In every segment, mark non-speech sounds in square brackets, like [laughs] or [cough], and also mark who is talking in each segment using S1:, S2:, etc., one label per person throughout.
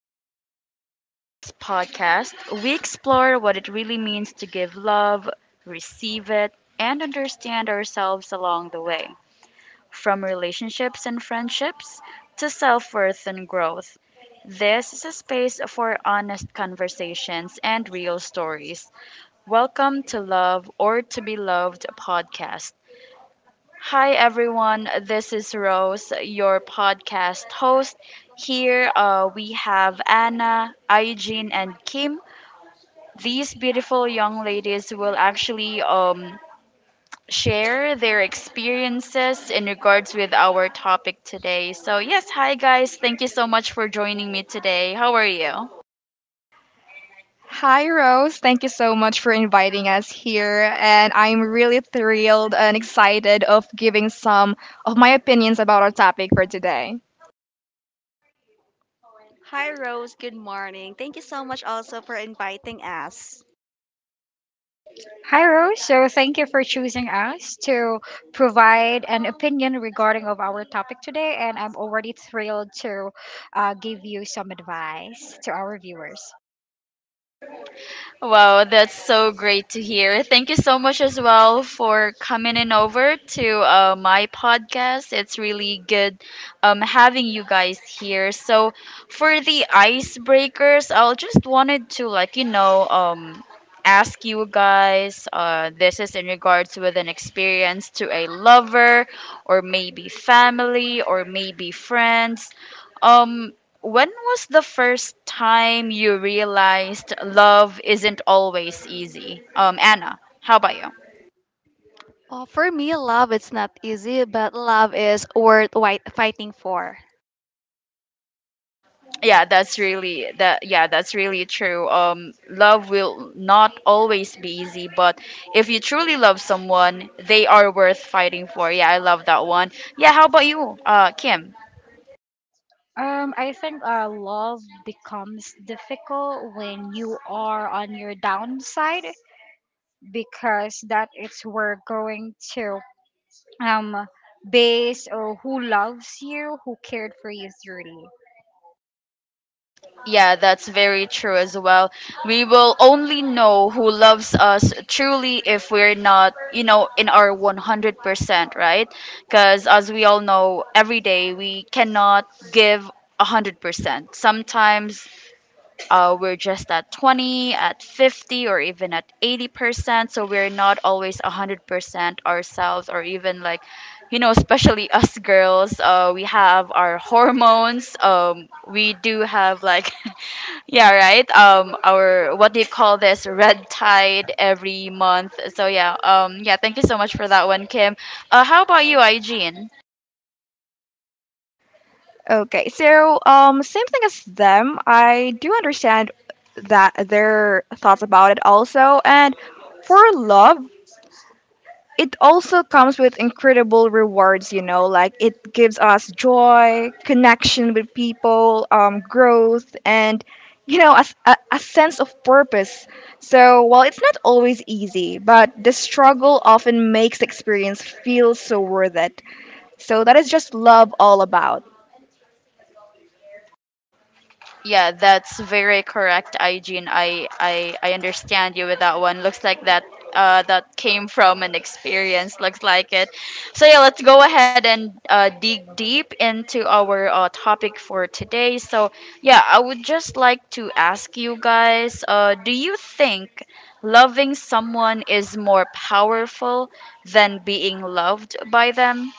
S1: we are. In this podcast, we explore what it really means to give love, receive it, and understand ourselves along the way. From relationships and friendships to self worth and growth. This is a space for honest conversations and real stories. Welcome to Love or to Be Loved podcast. Hi, everyone. This is Rose, your podcast host. Here we have Anna, Aijin, and Kim. These beautiful young ladies will actually share their experiences in regards with our topic today. So, yes, hi, guys. Thank you so much for joining me today. How are you?
S2: Hi, Rose. Thank you so much for inviting us here. And I'm really thrilled and excited of giving some of my opinions about our topic for today.
S3: Hi, Rose. Good morning. Thank you so much also for inviting us.
S4: Hi Rose, so thank you for choosing us to provide an opinion regarding of our topic today, and I'm already thrilled to give you some advice to our viewers.
S1: Wow, that's so great to hear. Thank you so much as well for coming in over to my podcast. It's really good having you guys here. So, for the icebreakers, I'll just wanted to like ask you guys. This is in regards with an experience to a lover, or maybe family, or maybe friends. um, when was the first time you realized love isn't always easy? Anna, how about you?
S3: Oh, for me, love it's not easy, but love is worth white fighting for.
S1: Yeah, that's really that. Yeah, that's really true. Love will not always be easy, but if you truly love someone, they are worth fighting for. Yeah, I love that one. Yeah, how about you, Kim?
S4: I think love becomes difficult when you are on your downside, because that is where going to um, base or who loves you, who cared for you truly.
S1: Yeah, that's very true as well. We will only know who loves us truly if we're not, in our 100%, right? Because as we all know, every day we cannot give 100%. Sometimes we're just at 20, at 50, or even at 80%. So we're not always 100% ourselves, or even like, especially [laughs] us girls, we have our hormones. We do have like yeah, right. Our what do you call this? Red tide every month. So yeah. Yeah. Thank you so much for that one, Kim. How about you, Eugene?
S2: Same thing as them. I do understand that their thoughts about it also. And for love, it also comes with incredible rewards, you know, like it gives us joy, connection with people, growth, and you know a sense of purpose. So while it's not always easy, but the struggle often makes the experience feel so worth it. So that is just love all about.
S1: Yeah, that's very correct, Aijin. I understand you with that one. Looks like that came from an experience. Looks like it. So yeah, let's go ahead and dig deep into our topic for today. So yeah, I would just like to ask you guys, do you think loving someone is more powerful than being loved by them?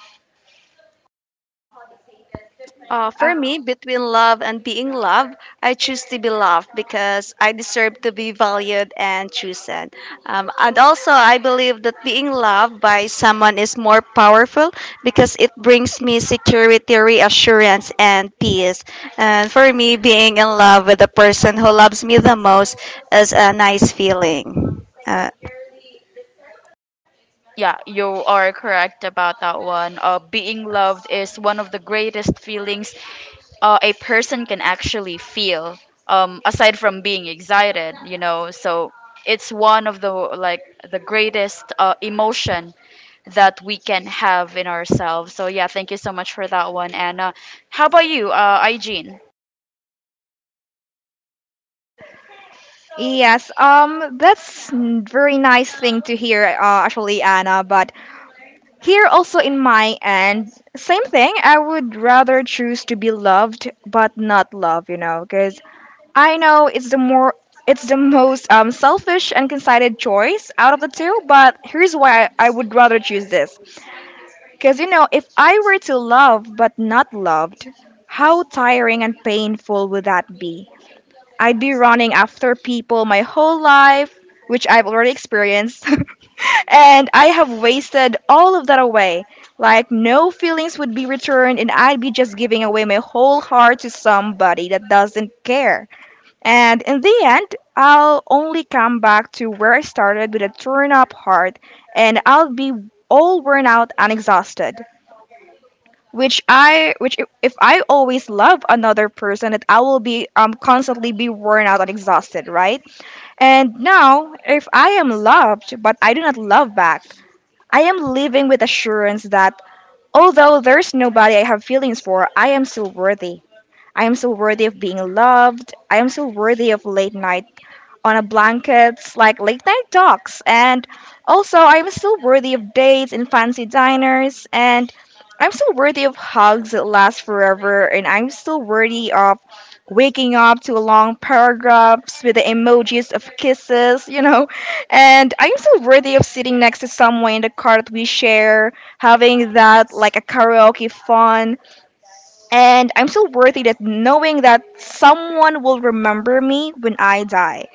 S3: For me, between love and being loved, I choose to be loved because I deserve to be valued and chosen. And also, I believe that being loved by someone is more powerful because it brings me security, reassurance, and peace. And for me, being in love with the person who loves me the most is a nice feeling.
S1: Yeah, you are correct about that one. Being loved is one of the greatest feelings a person can actually feel, aside from being excited. So it's one of the like the greatest emotion that we can have in ourselves. So yeah, thank you so much for that one, Anna. How about you, Igene?
S2: Yes, that's very nice thing to hear, actually, Anna. But here also in my end, same thing. I would rather choose to be loved but not loved, you know, because I know it's the more, it's the most selfish and considered choice out of the two, but here's why I would rather choose this. Because you know, if I were to love but not loved, how tiring and painful would that be? I'd be running after people my whole life, which I've already experienced. [laughs] And I have wasted all of that away. Like, no feelings would be returned, and I'd be just giving away my whole heart to somebody that doesn't care. And in the end, I'll only come back to where I started with a torn up heart, and I'll be all worn out and exhausted. If I always love another person, that I will be constantly be worn out and exhausted, right? And now, if I am loved but I do not love back, I am living with assurance that although there's nobody I have feelings for, I am still worthy. I am still worthy of being loved. I am still worthy of late night on a blankets, like late night talks, and also I'm still worthy of dates in fancy diners, and I'm still worthy of hugs that last forever, and I'm still worthy of waking up to long paragraphs with the emojis of kisses, you know, and I'm still worthy of sitting next to someone in the car that we share, having that like a karaoke fun, and I'm still worthy that knowing that someone will remember me when I die,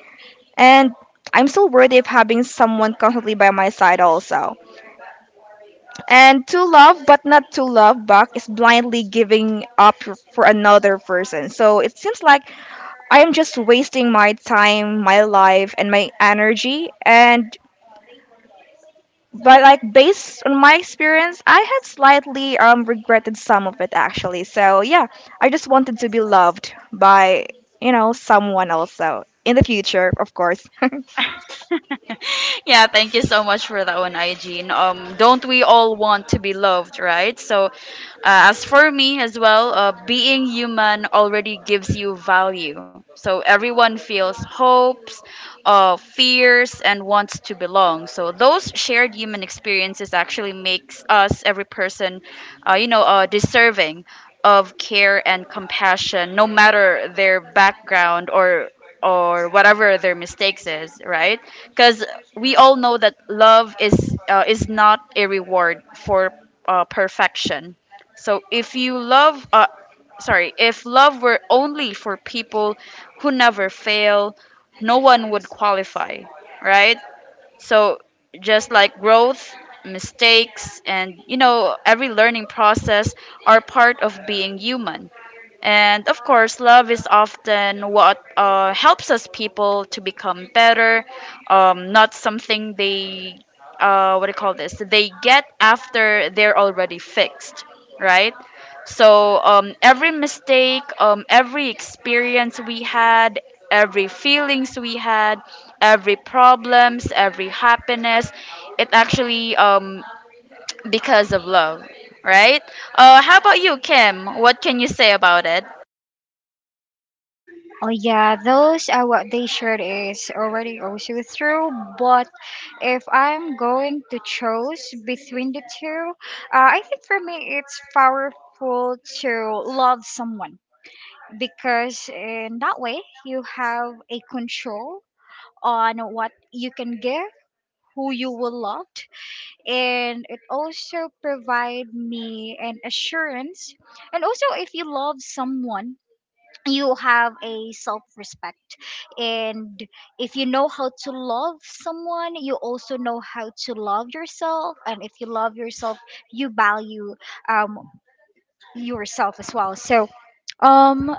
S2: and I'm still worthy of having someone constantly by my side also. And to love but not to love back is blindly giving up for another person. So it seems like I am just wasting my time, my life, and my energy. And but like based on my experience, I have slightly regretted some of it actually. So yeah, I just wanted to be loved by, you know, someone also in the future, of course.
S1: Yeah, thank you so much for that one, Eugene. Don't we all want to be loved, right? So, as for me as well, being human already gives you value. So everyone feels hopes, fears, and wants to belong. So those shared human experiences actually makes us every person, deserving of care and compassion, no matter their background or whatever their mistakes is, right? Because we all know that love is not a reward for perfection. So if love were only for people who never fail, no one would qualify, right? So just like growth, mistakes, and every learning process are part of being human. And of course, love is often what helps us people to become better, not something what do you call this, they get after they're already fixed, right? So every mistake, every experience we had, every feelings we had, every problems, every happiness, it actually because of love, right? How about you, Kim? What can you say about it?
S4: Oh yeah, those are what they shared is already also true. But if I'm going to choose between the two, I think for me it's powerful to love someone, because in that way you have a control on what you can give, who you will love, and it also provide me an assurance. And also, if you love someone you have a self respect, and if you know how to love someone you also know how to love yourself, and if you love yourself you value um yourself as well. so um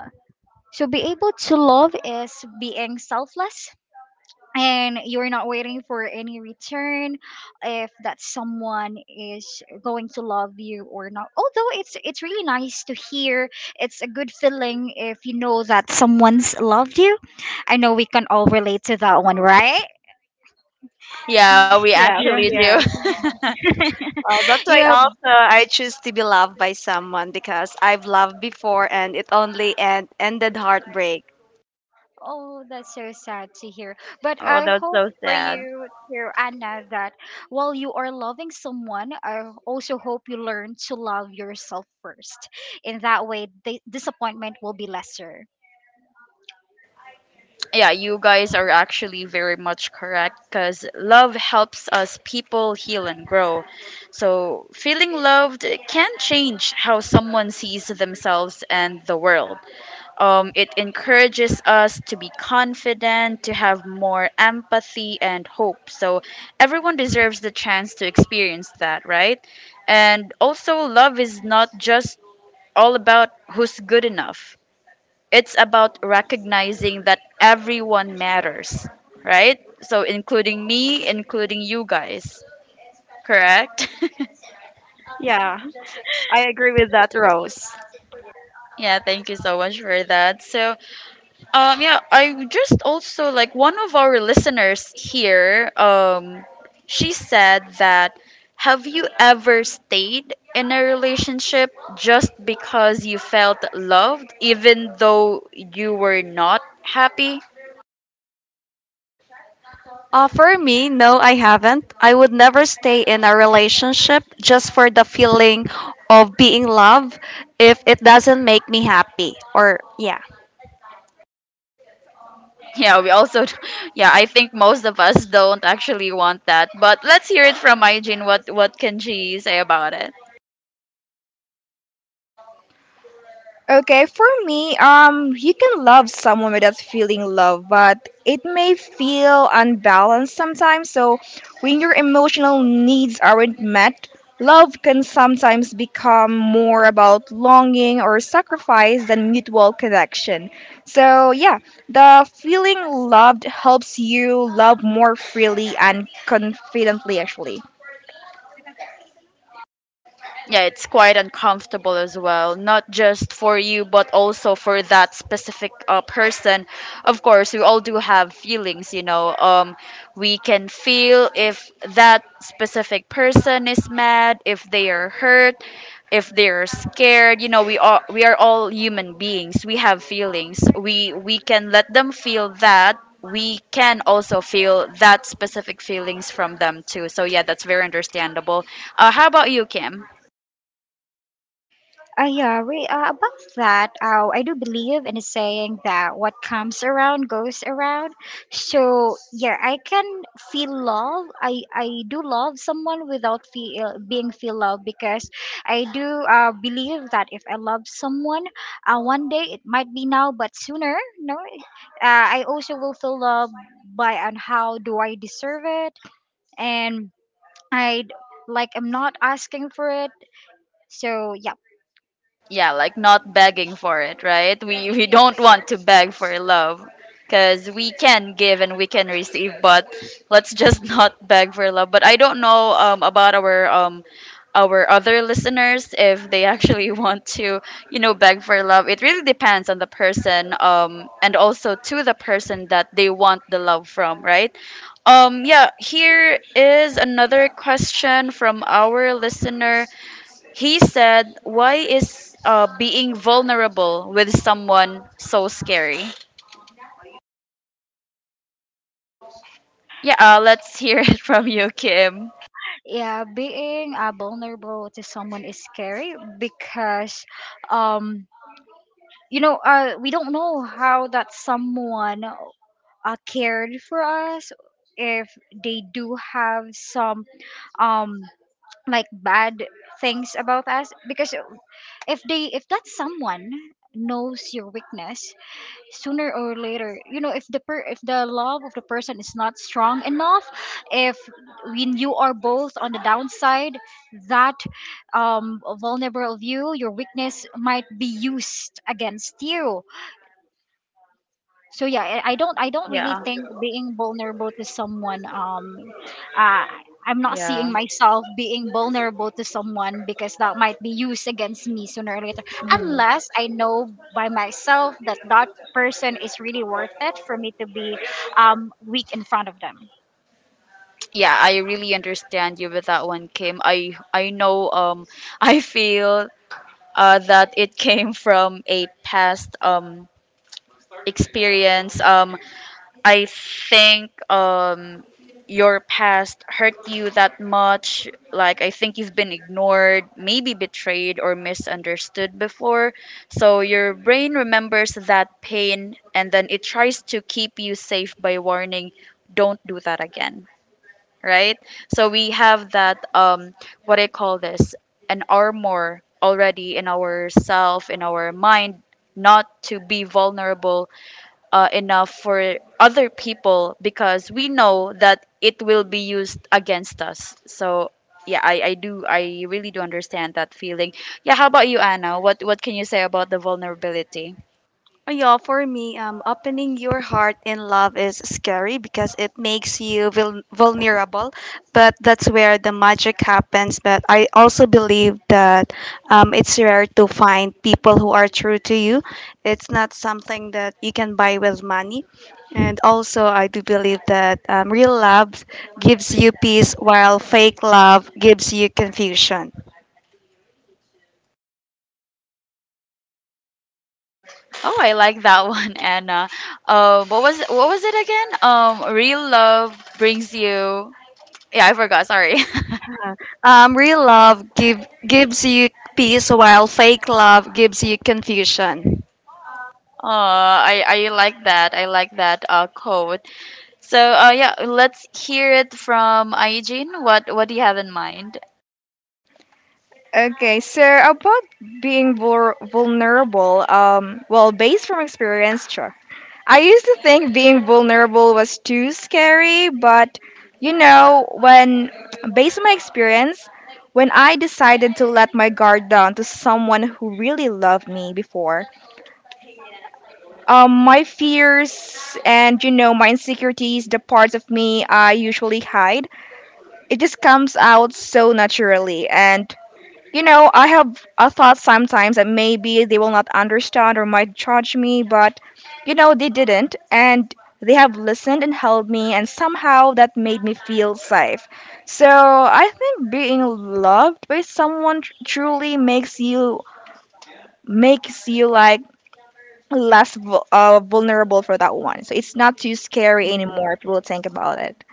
S4: so be able to love is being selfless, and you're not waiting for any return if that someone is going to love you or not. Although it's really nice to hear, it's a good feeling if you know that someone's loved you. I know we can all relate to that one, right?
S1: Yeah, we
S3: Yeah.
S4: Yeah,
S1: actually
S3: yes.
S1: do. [laughs]
S3: That's why
S4: yeah.
S3: also I choose to be loved by someone because I've loved before and it only ended heartbreak.
S4: Oh, that's so sad to hear. But
S1: Oh,
S4: I
S1: that's
S4: hope
S1: so
S4: for
S1: sad.
S4: you, dear Anna, that while you are loving someone, I also hope you learn to love yourself first. In that way, the disappointment will be lesser.
S1: Yeah, you guys are actually very much correct because love helps us people heal and grow. So, feeling loved can change how someone sees themselves and the world. It encourages us to be confident, to have more empathy and hope. So, everyone deserves the chance to experience that, right? And also, love is not just all about who's good enough. It's about recognizing that everyone matters, right? So, including me, including you guys, correct? [laughs]
S3: Yeah, I agree with that, Rose.
S1: Yeah, thank you so much for that. So, yeah, I just also like one of our listeners here, she said that have you ever stayed in a relationship just because you felt loved, even though you were not happy?
S3: For me, no, I haven't. I would never stay in a relationship just for the feeling of being loved if it doesn't make me happy. Or, yeah.
S1: Yeah, we also, [laughs] yeah, I think most of us don't actually want that. But let's hear it from Hygiene. What can she say about?
S2: Okay, for me, you can love someone without feeling love, but it may feel unbalanced sometimes. So, when your emotional needs aren't met, love can sometimes become more about longing or sacrifice than mutual connection. So, yeah, the feeling loved helps you love more freely and confidently, actually.
S1: Yeah, it's quite uncomfortable as well, not just for you but also for that specific person. Of course, we all do have feelings, we can feel if that specific person is mad, if they are hurt, if they're scared. You know, we are all human beings. We have feelings. We can let them feel that. We can also feel that specific feelings from them too. So yeah, that's very understandable. How about you, Kim?
S4: About that, I do believe in a saying that what comes around goes around. So yeah, I can feel love. I do love someone without feel being feel love, because I do believe that if I love someone, one day it might be now, but sooner, no, I also will feel love by on how do I deserve it, and I, like, I'm not asking for it. So yeah.
S1: Yeah, like not begging for it, right? We don't want to beg for love because we can give and we can receive. But let's just [laughs] not beg for love. But I don't know about our other listeners if they actually [laughs] want to beg for love. It really depends on the person. And also to the person that they want the love from, right? Yeah, here is another question from our listener. He said, why is being vulnerable with someone so scary? Yeah, let's hear [laughs] it from you, Kim.
S4: Yeah, being vulnerable to someone is scary, because um you know we don't know how that someone cared for us, if they do have some um like bad things about us. Because if they, if that someone knows your weakness, sooner or later, you know, if the per-, if the love of the person is not strong enough, if when you are both on the downside, that vulnerable of you, your weakness might be used against you. So yeah, I don't really
S1: Yeah,
S4: think being vulnerable to someone uh, I'm not
S1: yeah,
S4: seeing myself being vulnerable to someone, because that might be used against me sooner or later, unless I know by myself that that person is really worth it for me to be weak in front of them.
S1: yeah. I really understand you with that one, Kim. I know. [laughs] I feel that it came from a past experience. I think your past hurt you that much. Like I think you've been ignored, maybe betrayed or misunderstood before. So your brain remembers that pain and then it tries to keep you safe by warning, don't do that again. Right? So we have that what I call this an armor already in our self, in our mind, not to be vulnerable enough for other people because we know that it will be used against us. So yeah, I really do understand that feeling. Yeah, how about you, Anna? What can you say about the vulnerability?
S3: Oh, yeah, for me, opening your heart in love is scary because it makes you vulnerable, but that's where the magic happens. But I also believe that it's rare to find people who are true to you. It's not something that you can buy with money. And also, I do believe that real love gives you peace, while fake love gives you confusion.
S1: Oh, I like that [laughs] one, Anna. What was it again? Real love brings you. Yeah, I forgot. Sorry. [laughs]
S3: Real gives you peace, while fake love gives you confusion.
S1: I like that. I like that quote. So yeah, let's hear it from Aijin. What do you have in mind?
S2: Okay, so about being vulnerable, well, based from experience, sure. I used to think being vulnerable was too scary, but you know, when based on my experience, when I decided to let my guard down to someone who really loved me before, my fears and you know my insecurities, the parts of me I usually hide, it just comes out so naturally, and you know, I have a thought sometimes that maybe they will not understand or might judge me, but you know, they didn't, and they have listened and helped me, and somehow that made me feel safe. So I think being loved by someone truly makes you like less vulnerable for that one. So it's not too scary
S1: Mhm.
S2: anymore if you will think about it.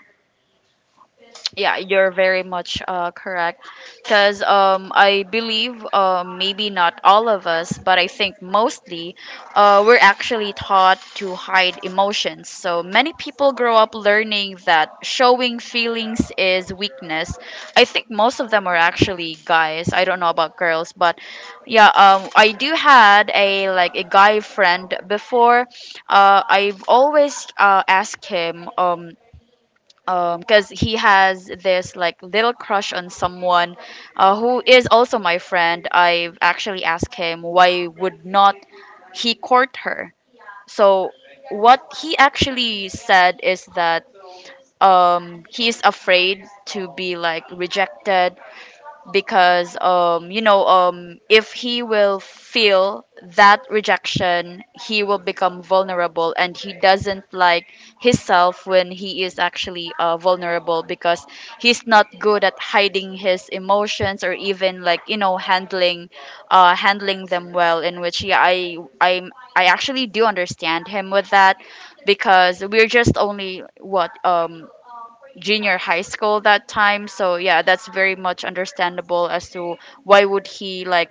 S1: Yeah, you're very much correct. Because I believe maybe not all of us, but I think mostly we're actually taught to hide emotions. So many people grow up learning that showing feelings is weakness. I think most of them are actually guys. I don't know about girls, but yeah, I do had a like a guy friend before. I've always asked him. Because he has this like little crush on someone who is also my friend. I've actually asked him why would not he court her. So what he actually said is that he is afraid to be like rejected because if he will feel that rejection, he will become vulnerable and he doesn't like himself when he is actually vulnerable because he's not good at hiding his emotions or even like handling handling them well, in which yeah, I actually do understand him with that because we're just only what junior high school that time. So yeah, that's very much understandable as to why would he like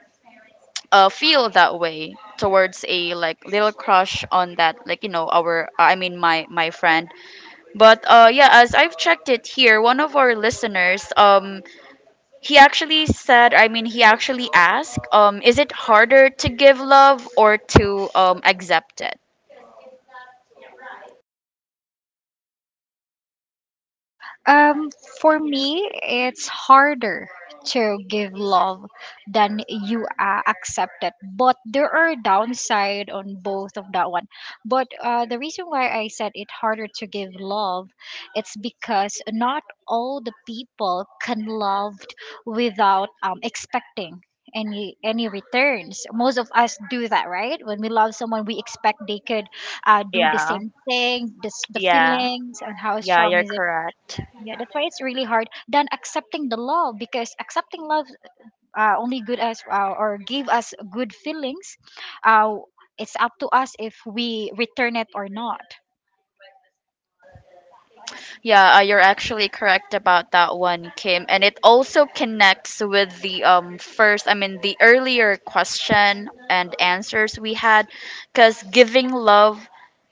S1: feel that way towards a like little crush on that like our I mean my friend. But yeah, as I've checked it here, one of our listeners he actually said, I mean he actually asked, is it harder to give love or to accept it?
S4: Um, for me, it's harder to give love than you accept it. But there are downside on both of that one. But the reason why I said it harder to give love, it's because not all the people can love without expecting any returns. Most of us do that, right? When we love someone we expect they could do the
S1: Yeah,
S4: same thing, this, the
S1: yeah,
S4: feelings and how
S1: yeah,
S4: strong
S1: you're
S4: is it.
S1: correct.
S4: Yeah, that's why it's really hard than accepting the love, because accepting love only good us, or give us good feelings. Uh, it's up to us if we return it or not.
S1: Yeah, you're actually correct about that one, Kim. And it also connects with the first, I mean, the earlier question and answers we had, because giving love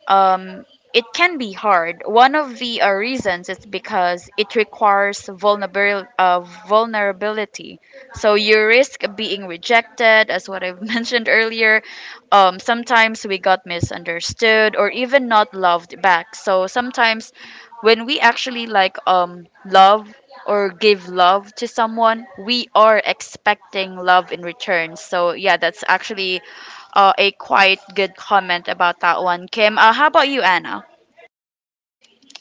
S1: um, it can be hard. One of the reasons is because it requires vulnerability. So you risk being rejected, as what I've [laughs] mentioned earlier. Sometimes we got misunderstood or even not loved back. So sometimes when we actually like love or give love to someone, we are expecting love in return. So yeah, that's actually a quite good comment about that one, Kim. How about you, Anna?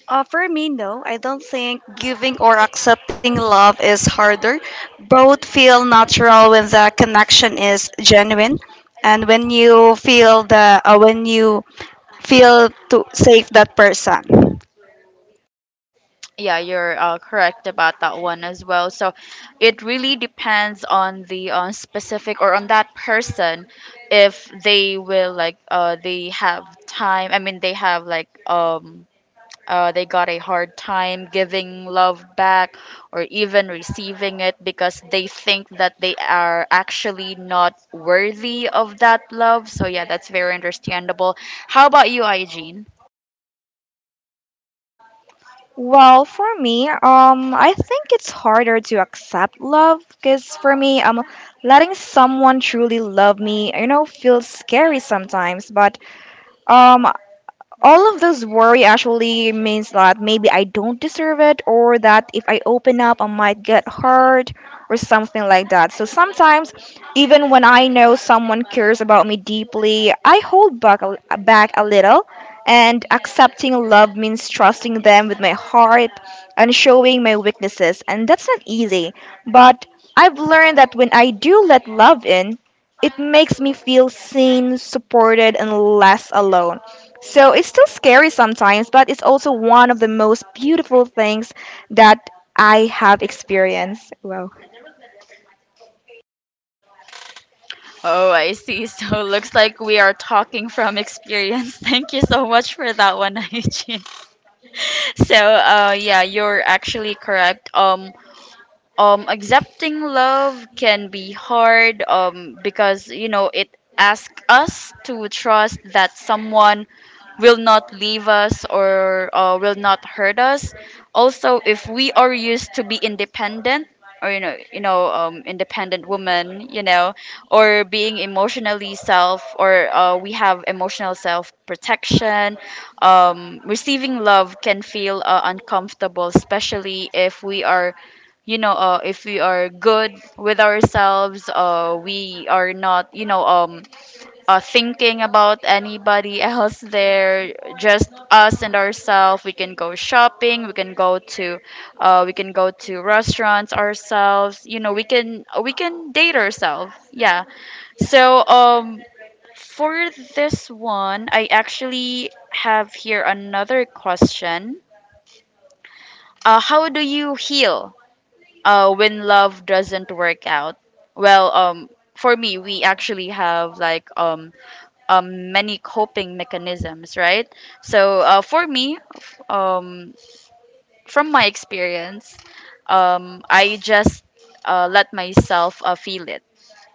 S3: For me, no. I don't think giving or accepting love is harder. Both feel natural when the connection is genuine, and when you feel the when you feel to save that person.
S1: Yeah, you're correct about that one as well. So it really depends on the specific or on that person if they will they have time. I mean, they have like they got a hard time giving love back or even receiving it because they think that they are actually not worthy of that love. So, yeah, that's very understandable. How about you, Eugene?
S2: Well, for me, I think it's harder to accept love because for me, letting someone truly love me, you know, feels scary sometimes. But um, all of this worry actually means that maybe I don't deserve it, or that if I open up, I might get hurt, or something like that. So sometimes, even when I know someone cares about me deeply, I hold back a little. And accepting love means trusting them with my heart and showing my weaknesses. And that's not easy. But I've learned that when I do let love in, it makes me feel seen, supported, and less alone. So it's still scary sometimes, but it's also one of the most beautiful things that I have experienced. Wow. [laughs]
S1: Oh, I see. So, [laughs] looks like we are talking from experience. [laughs] Thank you so much for that one, [laughs] Eugene. So, yeah, you're actually correct. Um, accepting love can be hard because it asks us to trust that someone will not leave us or will not hurt us. Also, if we are used to be independent or independent woman, or being emotionally self or we have emotional self protection, receiving love can feel uncomfortable, especially if we are if we are good with ourselves, we are not, thinking about anybody else there, just us and ourselves. We can go shopping. We can go we can go to restaurants ourselves. You know, we can date ourselves. Yeah. So for this one, I actually have here another question. How do you heal when love doesn't work out? Well, for me, we actually have like many coping mechanisms, right? So for me, from my experience, I just let myself feel it.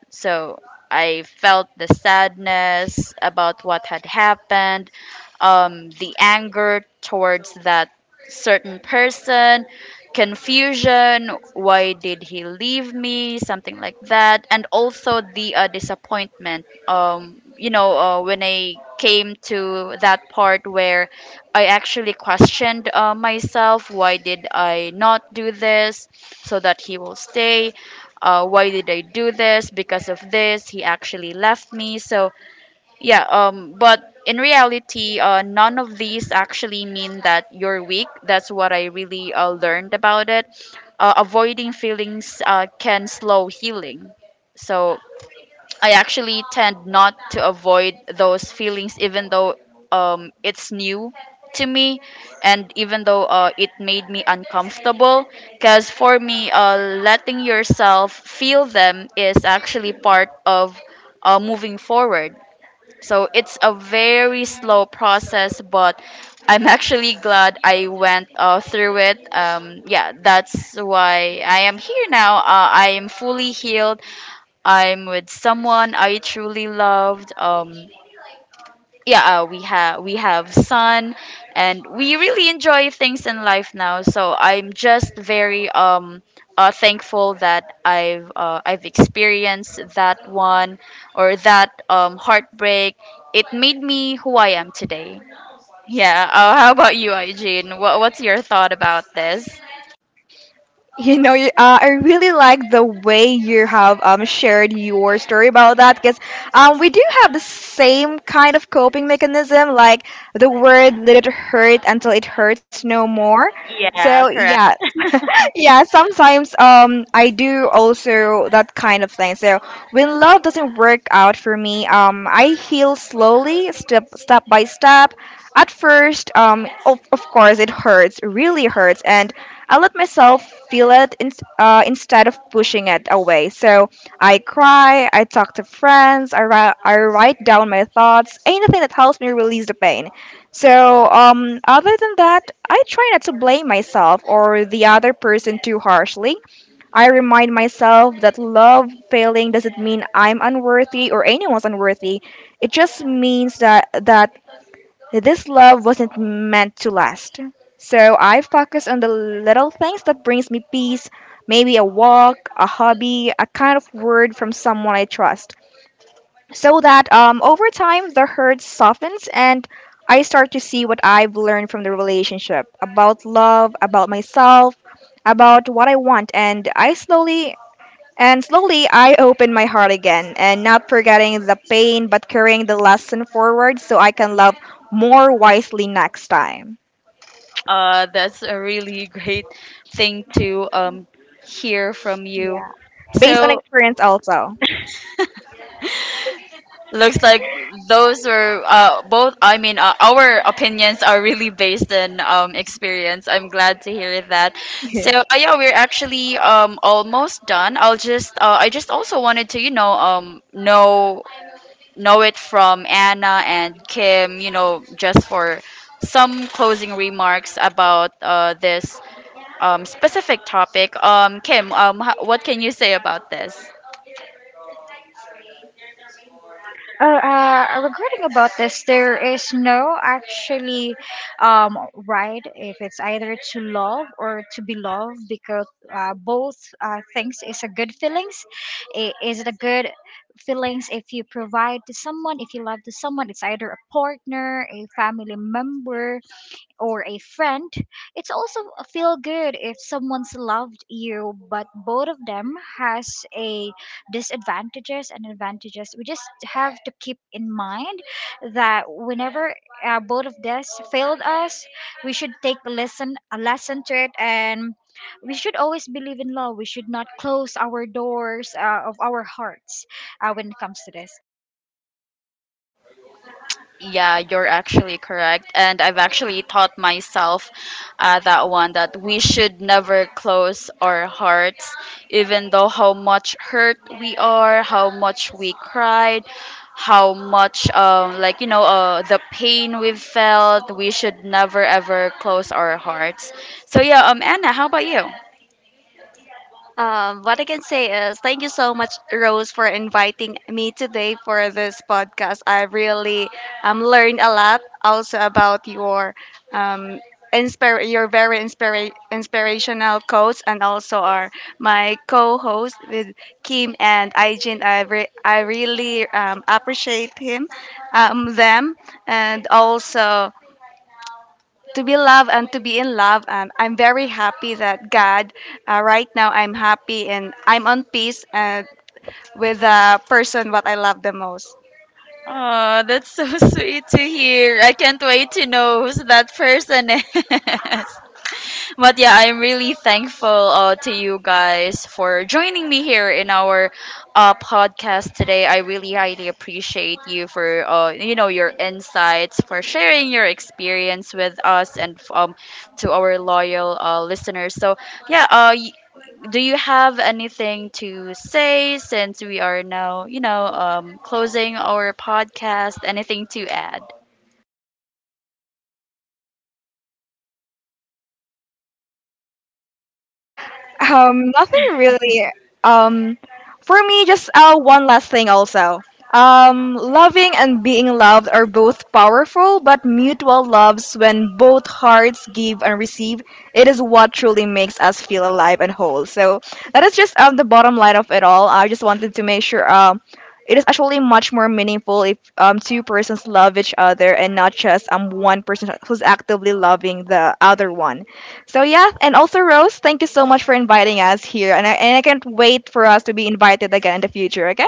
S1: So I felt the sadness about what had happened, the anger towards that certain person, confusion, why did he leave me, something like that, and also the disappointment. You know, when I came to that part where I actually questioned myself, why did I not do this so that he will stay? Why did I do this? Because of this, he actually left me. So yeah, but in reality, none of these actually mean that you're weak. That's what I really learned about it. Avoiding feelings can slow healing. So I actually tend not to avoid those feelings, even though, it's new to me, and even though it made me uncomfortable. Because for me, letting yourself feel them is actually part of moving forward. So it's a very slow process, but I'm actually glad I went through it. Yeah, that's why I am here now. I am fully healed. I'm with someone I truly loved. Yeah, we have son, and we really enjoy things in life now. So I'm just very thankful that I've experienced that one or that heartbreak. It made me who I am today. Yeah. How about you, Eugene? What's your thought about this?
S2: You know, I really like the way you have shared your story about that because we do have the same kind of coping mechanism, like the word "let it hurt until it hurts no more." So
S1: Yeah.
S2: yeah,
S1: Correct.
S2: yeah, sometimes I do also that kind of thing. So when love doesn't work out for me, I heal slowly, step by step. At first, of course it hurts, really hurts, and I let myself feel it in, instead of pushing it away. So I cry, I talk to friends, I write down my thoughts, anything that helps me release the pain. So, other than that, I try not to blame myself or the other person too harshly. I remind myself that love failing doesn't mean I'm unworthy or anyone's unworthy. It just means that this love wasn't meant to last. So I focus on the little things that brings me peace, maybe a walk, a hobby, a kind of word from someone I trust, so that over time the hurt softens and I start to see what I've learned from the relationship about love, about myself, about what I want, and I slowly and slowly I open my heart again, and not forgetting the pain but carrying the lesson forward so I can love more wisely next time.
S1: That's a really great thing to hear from you.
S2: Based on
S1: So
S2: experience also.
S1: looks like those were both. I mean, our opinions are really based on experience. I'm glad to hear that. So yeah, we're actually almost done. I just also wanted to, know it from Anna and Kim, you know, just for some closing remarks about this specific topic. Kim, what can you say about this?
S4: Regarding about this, there is no actually right if it's either to love or to be loved, because both things is a good feelings. I is it a good feelings if you provide to someone, if you love to someone? It's either a partner, a family member, or a friend, it's also a feel good if someone's loved you, but both of them has a disadvantages and advantages. We just have to keep in mind that whenever both of this failed us, we should take a lesson to it, and we should always believe in love. We should not close our doors of our hearts when it comes to this.
S1: Yeah, you're actually correct. And I've actually taught myself that one, that we should never close our hearts, even though how much hurt we are, how much we cried, how much, like, you know, the pain we've felt. We should never ever close our hearts. So, yeah, Anna, how about you?
S3: What I can say is thank you so much, Rose, for inviting me today for this podcast. I really learned a lot also about your um, inspire your very inspirational quotes and also our my co-host with Kim and Aijin. I really appreciate him them and also to be loved and to be in love. And I'm very happy that right now, I'm happy and I'm on peace with the person what I love the most.
S1: Oh, that's so [laughs] sweet to hear. I can't wait to know who's that person is. [laughs] [laughs] But yeah, I'm really thankful to you guys for joining me here in our podcast today. I really highly appreciate you for you know, your insights, for sharing your experience with us, and to our loyal listeners. So yeah, do you have anything to say, since we are now, closing our podcast? Anything to add?
S2: Nothing really. Um, for me, just one last thing also. Loving and being loved are both powerful, but mutual loves, when both hearts give and receive, it is what truly makes us feel alive and whole. So that is just the bottom line of it all. I just wanted to make sure it is actually much more meaningful if two persons love each other and not just one person who's actively loving the other one. So yeah, and also Rose, thank you so much for inviting us here, and I can't wait for us to be invited again in the future. Okay.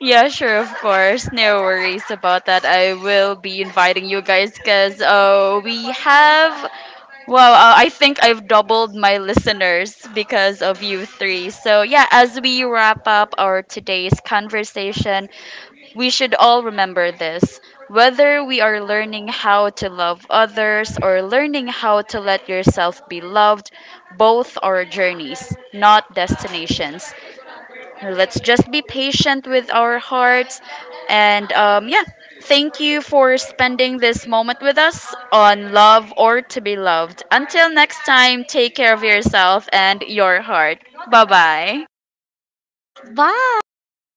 S1: Yeah, sure, of course. No worries about that. I will be inviting you guys because we have. Well, I think I've doubled my listeners because of you three. So, yeah, as we wrap up our today's conversation, we should all remember this. Whether we are learning how to love others or learning how to let yourself be loved, both are journeys, not destinations. Let's just be patient with our hearts, and yeah, thank you for spending this moment with us on love or to be loved. Until next time, take care of yourself and your heart. Bye bye.
S4: Bye.